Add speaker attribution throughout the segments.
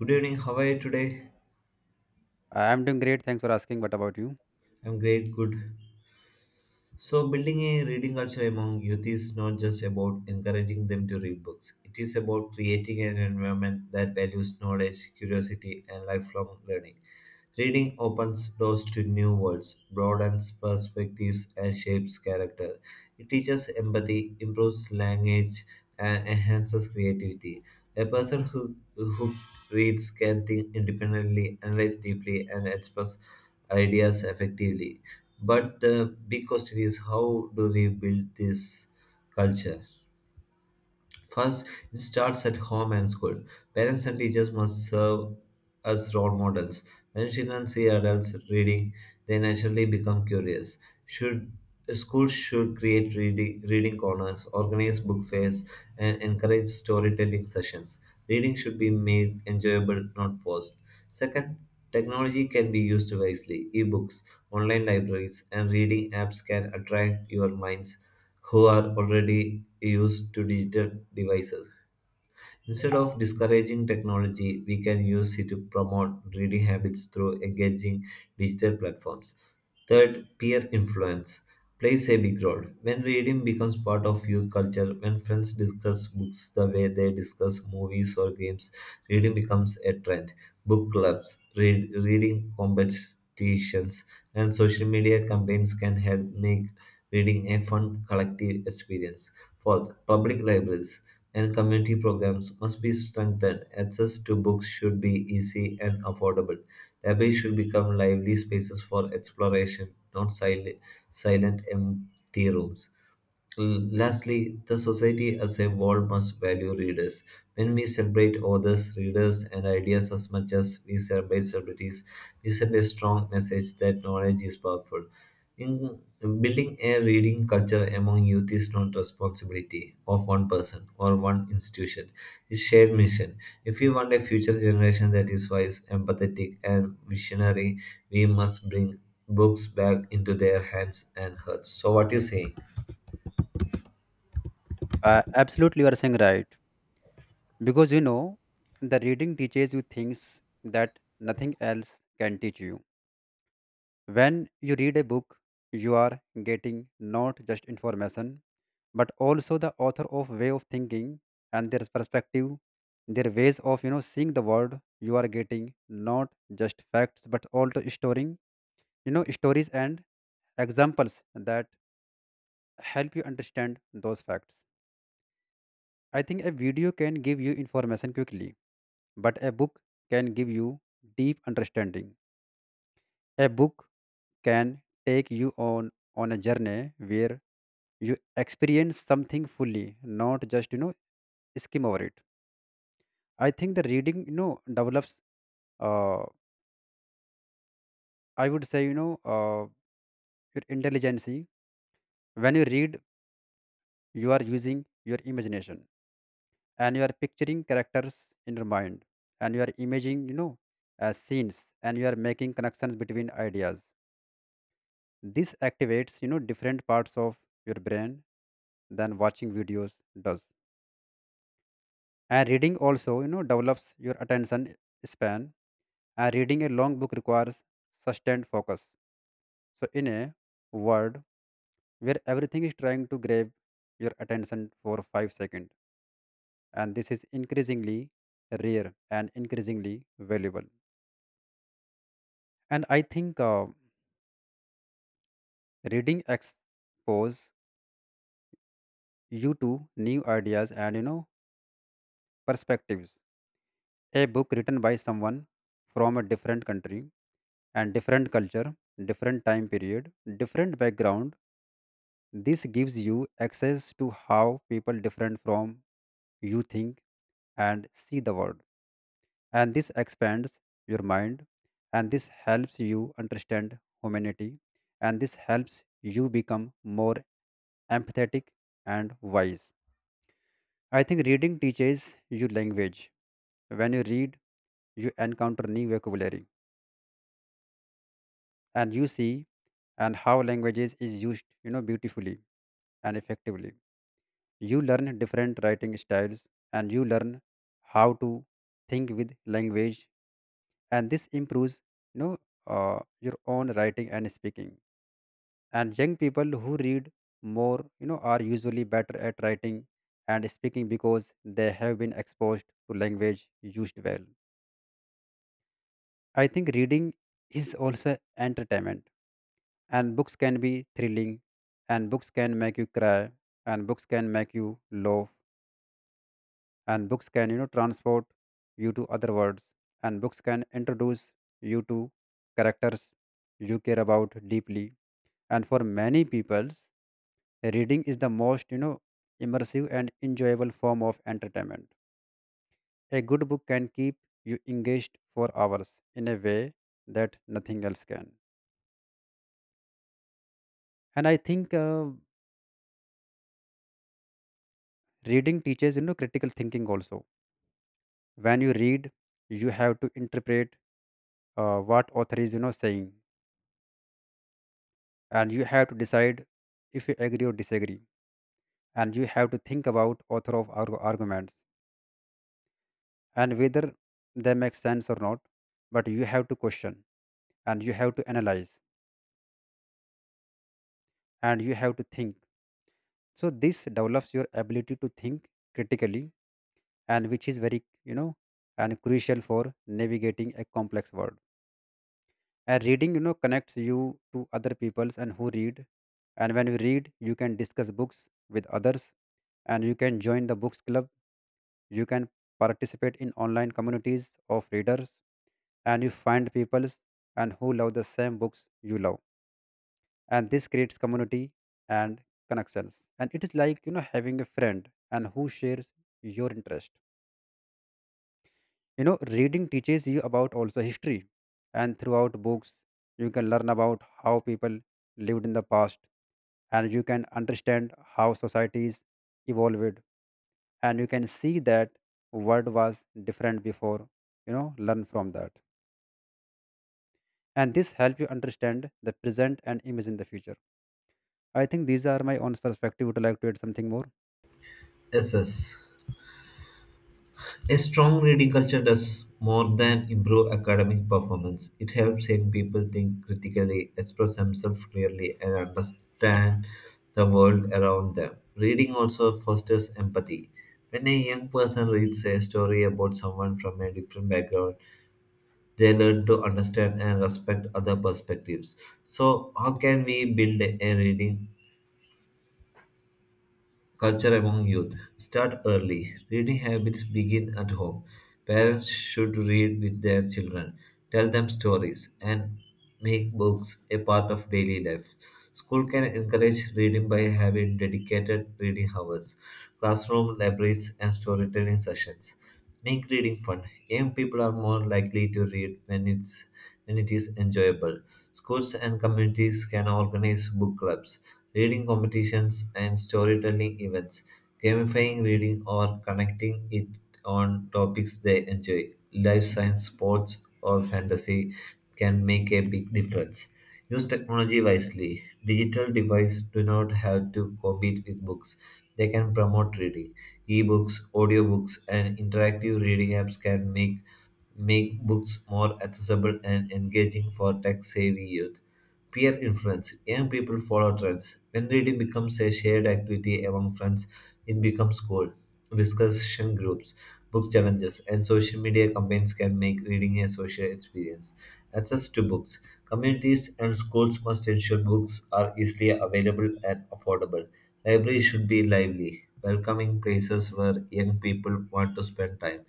Speaker 1: Good evening. How are you today?
Speaker 2: I'm doing great. Thanks for asking. What about you?
Speaker 1: I'm great. Good. So, building a reading culture among youth is not just about encouraging them to read books. It is about creating an environment that values knowledge, curiosity, and lifelong learning. Reading opens doors to new worlds, broadens perspectives, and shapes character. It teaches empathy, improves language, and enhances creativity. A person who reads can think independently, analyze deeply, and express ideas effectively. But the big question is, how do we build this culture? First, it starts at home and school. Parents and teachers must serve as role models. When children see adults reading, they naturally become curious. Should Schools should create reading corners, organize book fairs, and encourage storytelling sessions. Reading should be made enjoyable, not forced. Second, technology can be used wisely. Ebooks, online libraries, and reading apps can attract your minds who are already used to digital devices. Instead of discouraging technology, we can use it to promote reading habits through engaging digital platforms. Third, peer influence plays a big role. When reading becomes part of youth culture, when friends discuss books the way they discuss movies or games, reading becomes a trend. Book clubs, reading competitions, and social media campaigns can help make reading a fun collective experience. Fourth, public libraries and community programs must be strengthened. Access to books should be easy and affordable. Libraries should become lively spaces for exploration, not sil- silent, empty rooms. Lastly, the society as a whole must value readers. When we celebrate authors, readers, and ideas as much as we celebrate celebrities, we send a strong message that knowledge is powerful. In building a reading culture among youth is not responsibility of one person or one institution. It's shared mission. If we want a future generation that is wise, empathetic, and visionary, we must bring books back into their hands and hearts. So, what do you say?
Speaker 2: Absolutely, you are saying right. Because the reading teaches you things that nothing else can teach you. When you read a book, you are getting not just information, but also the author of way of thinking and their perspective, their ways of seeing the world. You are getting not just facts, but also storing stories and examples that help you understand those facts. I think a video can give you information quickly, but a book can give you deep understanding. A book can take you on a journey where you experience something fully, not just skim over it. I think the reading develops. Uh, I would say your intelligence. When you read, you are using your imagination and you are picturing characters in your mind and you are imagining scenes and you are making connections between ideas. This activates, different parts of your brain than watching videos does. And reading also, develops your attention span. And reading a long book requires sustained focus. So, in a world where everything is trying to grab your attention for 5 seconds, and this is increasingly rare and increasingly valuable. And I think reading expose you to new ideas and perspectives. A book written by someone from a different country and different culture, different time period, different background. This gives you access to how people different from you think and see the world. And this expands your mind and this helps you understand humanity and this helps you become more empathetic and wise. I think reading teaches you language. When you read, you encounter new vocabulary and you see and how languages is used beautifully and effectively. You learn different writing styles and you learn how to think with language and this improves you know your own writing and speaking. And young people who read more are usually better at writing and speaking because they have been exposed to language used well. I think reading is also entertainment, and books can be thrilling, and books can make you cry, and books can make you laugh, and books can transport you to other worlds, and books can introduce you to characters you care about deeply. And for many people reading is the most immersive and enjoyable form of entertainment. A good book can keep you engaged for hours in a way that nothing else can. And I think reading teaches critical thinking also. When you read you have to interpret what author is saying, and you have to decide if you agree or disagree, and you have to think about author of arguments and whether they make sense or not. But you have to question, and you have to analyze, and you have to think. So this develops your ability to think critically, and which is very and crucial for navigating a complex world. And reading connects you to other peoples and who read. And when you read you can discuss books with others, and you can join the books club, you can participate in online communities of readers, and you find peoples and who love the same books you love, and this creates community and connections. And it is like having a friend and who shares your interest. Reading teaches you about also history, and throughout books you can learn about how people lived in the past, and you can understand how societies evolved, and you can see that world was different before, learn from that. And this help you understand the present and imagine the future. I think these are my own perspective. Would you like to add something more?
Speaker 1: Assess. A strong reading culture does more than improve academic performance. It helps young people think critically, express themselves clearly, and understand the world around them. Reading also fosters empathy. When a young person reads a story about someone from a different background, they learn to understand and respect other perspectives. So, how can we build a reading culture among youth? Start early. Reading habits begin at home. Parents should read with their children, tell them stories, and make books a part of daily life. School can encourage reading by having dedicated reading hours, classroom libraries, and storytelling sessions. Make reading fun. Young people are more likely to read when it is enjoyable. Schools and communities can organize book clubs, reading competitions, and storytelling events, gamifying reading or connecting it on topics they enjoy, life science, sports, or fantasy can make a big difference. Use technology wisely. Digital devices do not have to compete with books. They can promote reading. Ebooks, audiobooks, and interactive reading apps can make books more accessible and engaging for tech savvy youth. Peer influence, young people follow trends. When reading becomes a shared activity among friends, it becomes cool. Discussion groups, book challenges, and social media campaigns can make reading a social experience. Access to books. Communities and schools must ensure books are easily available and affordable. Libraries should be lively, welcoming places where young people want to spend time.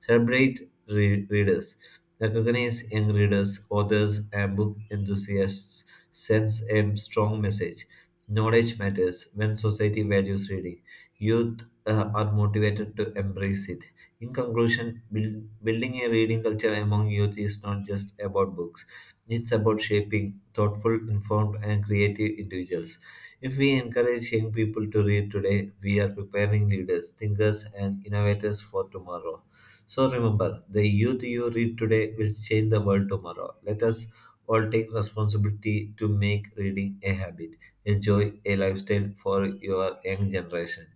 Speaker 1: Readers. Recognize young readers, authors, and book enthusiasts. Sends a strong message. Knowledge matters. When society values reading, youth are motivated to embrace it. In conclusion, building a reading culture among youth is not just about books, it's about shaping thoughtful, informed, and creative individuals. If we encourage young people to read today, we are preparing leaders, thinkers, and innovators for tomorrow. So remember, the youth you read today will change the world tomorrow. Let us all take responsibility to make reading a habit, enjoy a lifestyle for your young generation.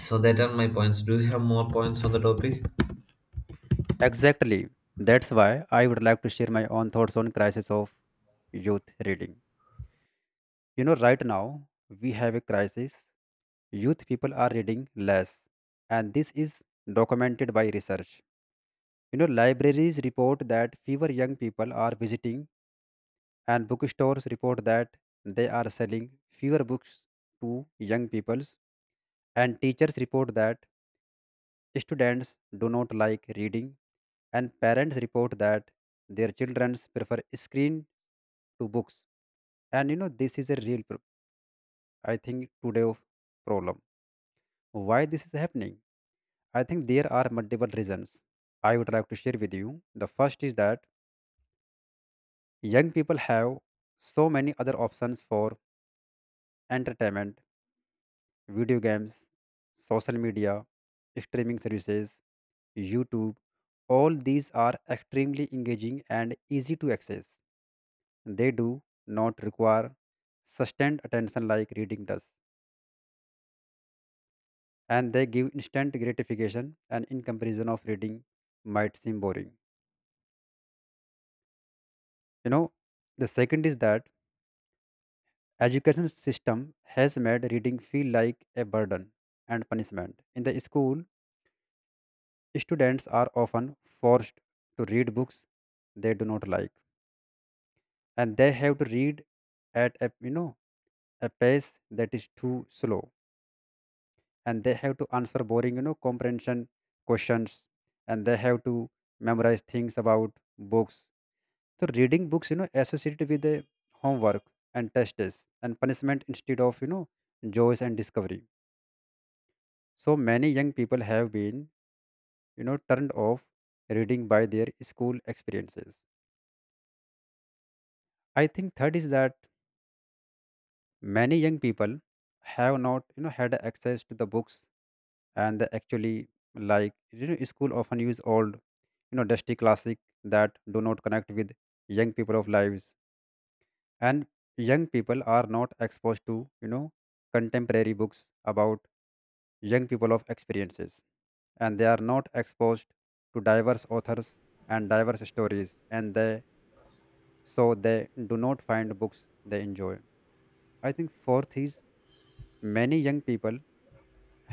Speaker 1: So that are my points. Do you have more points on the topic?
Speaker 2: Exactly, that's why I would like to share my own thoughts on crisis of youth reading. You know, right now we have a crisis. Youth people are reading less, and this is documented by research. You know, libraries report that fewer young people are visiting, and bookstores report that they are selling fewer books to young peoples, and teachers report that students do not like reading, and parents report that their children prefer screen to books. And you know, this is a real, I think, today of problem. Why this is happening? I think there are multiple reasons I would like to share with you. The first is that young people have so many other options for entertainment: video games, social media, streaming services, YouTube. All these are extremely engaging and easy to access. They do not require sustained attention like reading does, and they give instant gratification, and in comparison of reading might seem boring. You know, the second is that education system has made reading feel like a burden and punishment. In the school students are often forced to read books they do not like, and they have to read at a a pace that is too slow, and they have to answer boring comprehension questions, and they have to memorize things about books. So reading books, associated with the homework and tests and punishment instead of, joys and discovery. So many young people have been, turned off reading by their school experiences. I think third is that many young people have not, had access to the books and they actually like. School often use old, dusty classic that do not connect with young people of lives, and young people are not exposed to you know contemporary books about young people of experiences, and they are not exposed to diverse authors and diverse stories and they so they do not find books they enjoy. I think fourth is many young people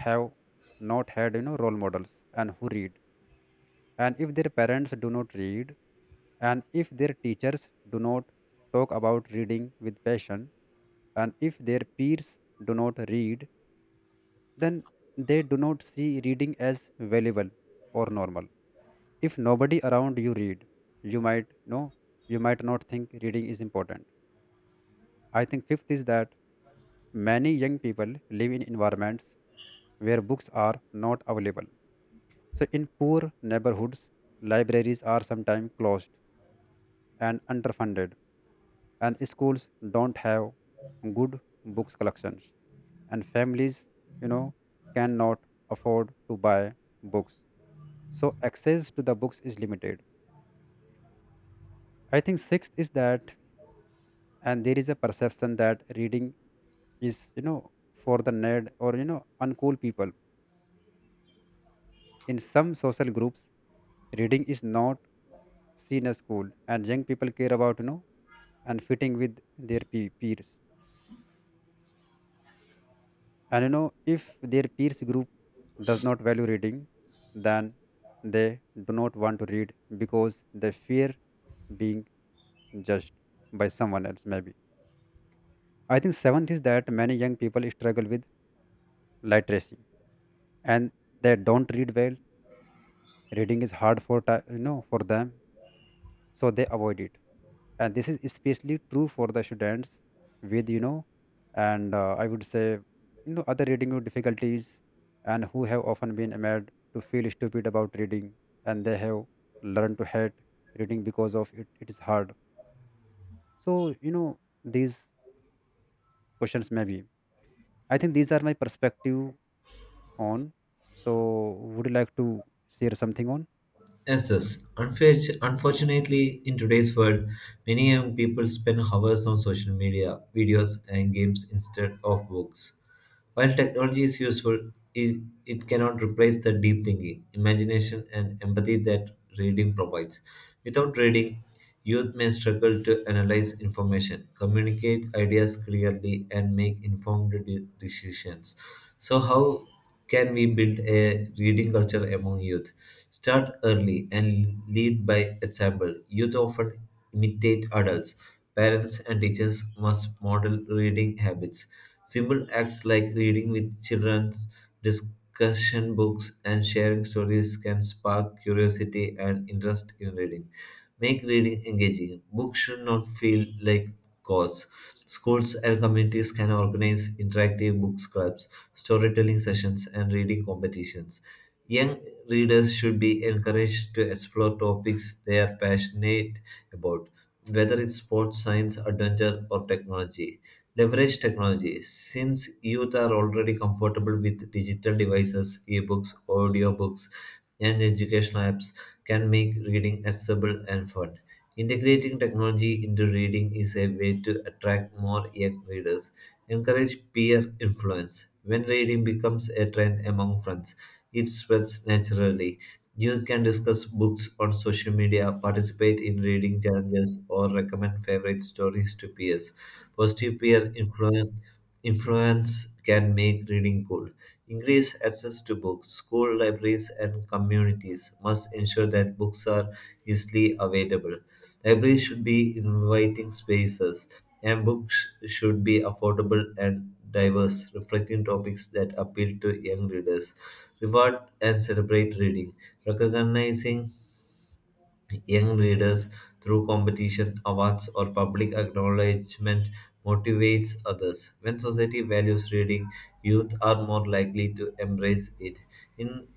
Speaker 2: have not had role models and who read. And if their parents do not read, and if their teachers do not talk about reading with passion, and if their peers do not read, then they do not see reading as valuable or normal. If nobody around you read, you might know, you might not think reading is important. I think fifth is that many young people live in environments where books are not available. So in poor neighborhoods libraries are sometimes closed and underfunded, and schools don't have good books collections, and families you know cannot afford to buy books. So access to the books is limited. I think sixth is that and there is a perception that reading is for the nerd or uncool people. In some social groups reading is not seen as cool, and young people care about and fitting with their peers. And you know, if their peers group does not value reading, then they do not want to read because they fear being judged by someone else, maybe. I think seventh is that many young people struggle with literacy and they don't read well. Reading is hard for for them, so they avoid it. And this is especially true for the students with and I would say other reading difficulties and who have often been made to feel stupid about reading, and they have learned to hate reading because of it it is hard. So you know these questions maybe. I think these are my perspective on. So would you like to share something on?
Speaker 1: Yes, yes. Unfortunately, in today's world, many young people spend hours on social media, videos, and games instead of books. While technology is useful, it cannot replace the deep thinking, imagination, and empathy that reading provides. Without reading, youth may struggle to analyze information, communicate ideas clearly, and make informed decisions. So, how can we build a reading culture among youth? Start early and lead by example. Youth often imitate adults. Parents and teachers must model reading habits. Simple acts like reading with children, discussion books, and sharing stories can spark curiosity and interest in reading. Make reading engaging. Books should not feel like chores. Schools and communities can organize interactive book clubs, storytelling sessions, and reading competitions. Young readers should be encouraged to explore topics they are passionate about, whether it's sports, science, adventure, or technology. Leverage technology. Since youth are already comfortable with digital devices, ebooks, audiobooks, and educational apps can make reading accessible and fun. Integrating technology into reading is a way to attract more young readers. Encourage peer influence. When reading becomes a trend among friends, it spreads naturally. You can discuss books on social media, participate in reading challenges, or recommend favorite stories to peers. Positive influence can make reading cool. Increase access to books. School libraries and communities must ensure that books are easily available. Libraries should be inviting spaces, and books should be affordable and diverse, reflecting topics that appeal to young readers. Reward and celebrate reading, recognizing young readers through competition, awards, or public acknowledgement motivates others. When society values reading, youth are more likely to embrace it. In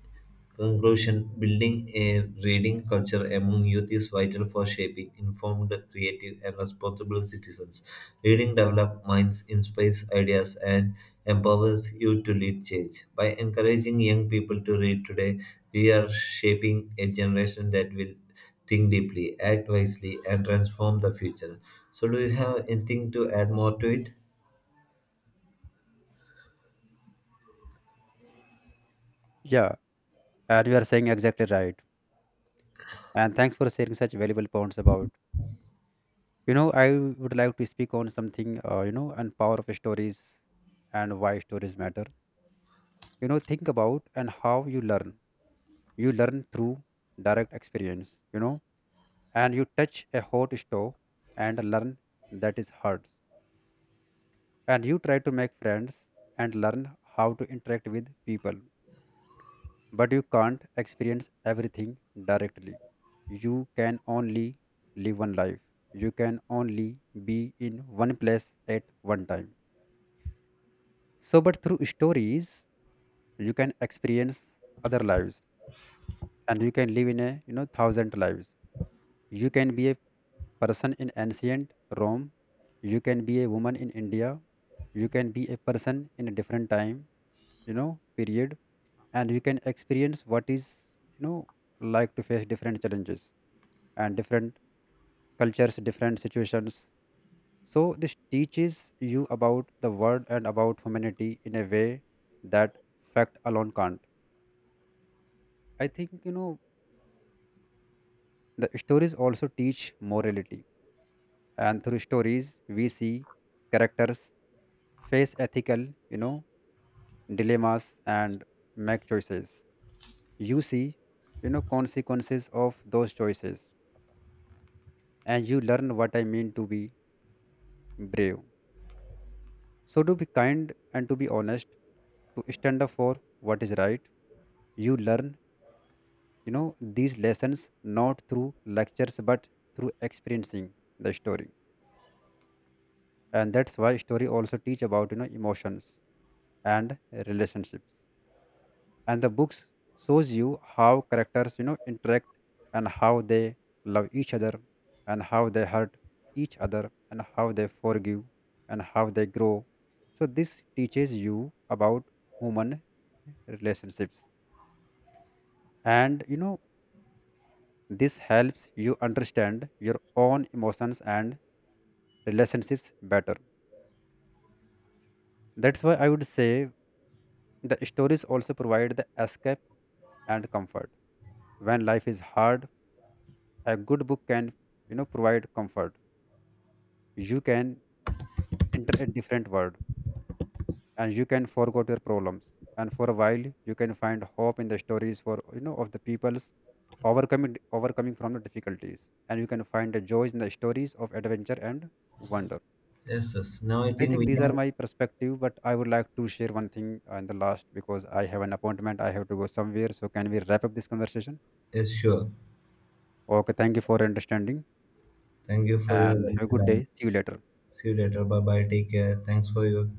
Speaker 1: conclusion, building a reading culture among youth is vital for shaping informed, creative, and responsible citizens. Reading develops minds, inspires ideas, and empowers you to lead change. By encouraging young people to read today, we are shaping a generation that will think deeply, act wisely, and transform the future. So, do you have anything to add more to it?
Speaker 2: Yeah, and you are saying exactly right, and thanks for sharing such valuable points about. I would like to speak on something and power of stories and why stories matter. Think about and how you learn. You learn through direct experience, and you touch a hot stove and learn that is hard, and you try to make friends and learn how to interact with people. But you can't experience everything directly. You can only live one life, you can only be in one place at one time. So, but through stories, you can experience other lives, and you can live in a thousand lives. You can be a person in ancient Rome, you can be a woman in India, you can be a person in a different time, period, and you can experience what is like to face different challenges and different cultures, different situations. So this teaches you about the world and about humanity in a way that fact alone can't. I think the stories also teach morality, and through stories we see characters face ethical, dilemmas and make choices. You see, consequences of those choices, and you learn what I mean to be brave. So to be kind and to be honest, to stand up for what is right. You learn, these lessons not through lectures but through experiencing the story. And that's why story also teach about emotions and relationships. And the books shows you how characters interact, and how they love each other, and how they hurt each other, and how they forgive, and how they grow. So this teaches you about human relationships, and this helps you understand your own emotions and relationships better. That's why I would say the stories also provide the escape and comfort. When life is hard, a good book can, provide comfort. You can enter a different world and you can forget your problems. And for a while, you can find hope in the stories for of the people's overcoming from the difficulties. And you can find the joys in the stories of adventure and wonder.
Speaker 1: Yes, yes. Now I
Speaker 2: I
Speaker 1: think
Speaker 2: think
Speaker 1: we
Speaker 2: these are
Speaker 1: can.
Speaker 2: my perspective, but I would like to share one thing in the last because I have an appointment. I have to go somewhere. So can we wrap up this conversation?
Speaker 1: Yes, sure.
Speaker 2: Okay. Thank you for understanding
Speaker 1: Thank you for your
Speaker 2: and have a
Speaker 1: valuable
Speaker 2: good
Speaker 1: time.
Speaker 2: day. See you later.
Speaker 1: See you later. Bye bye. Take care. Thanks for you.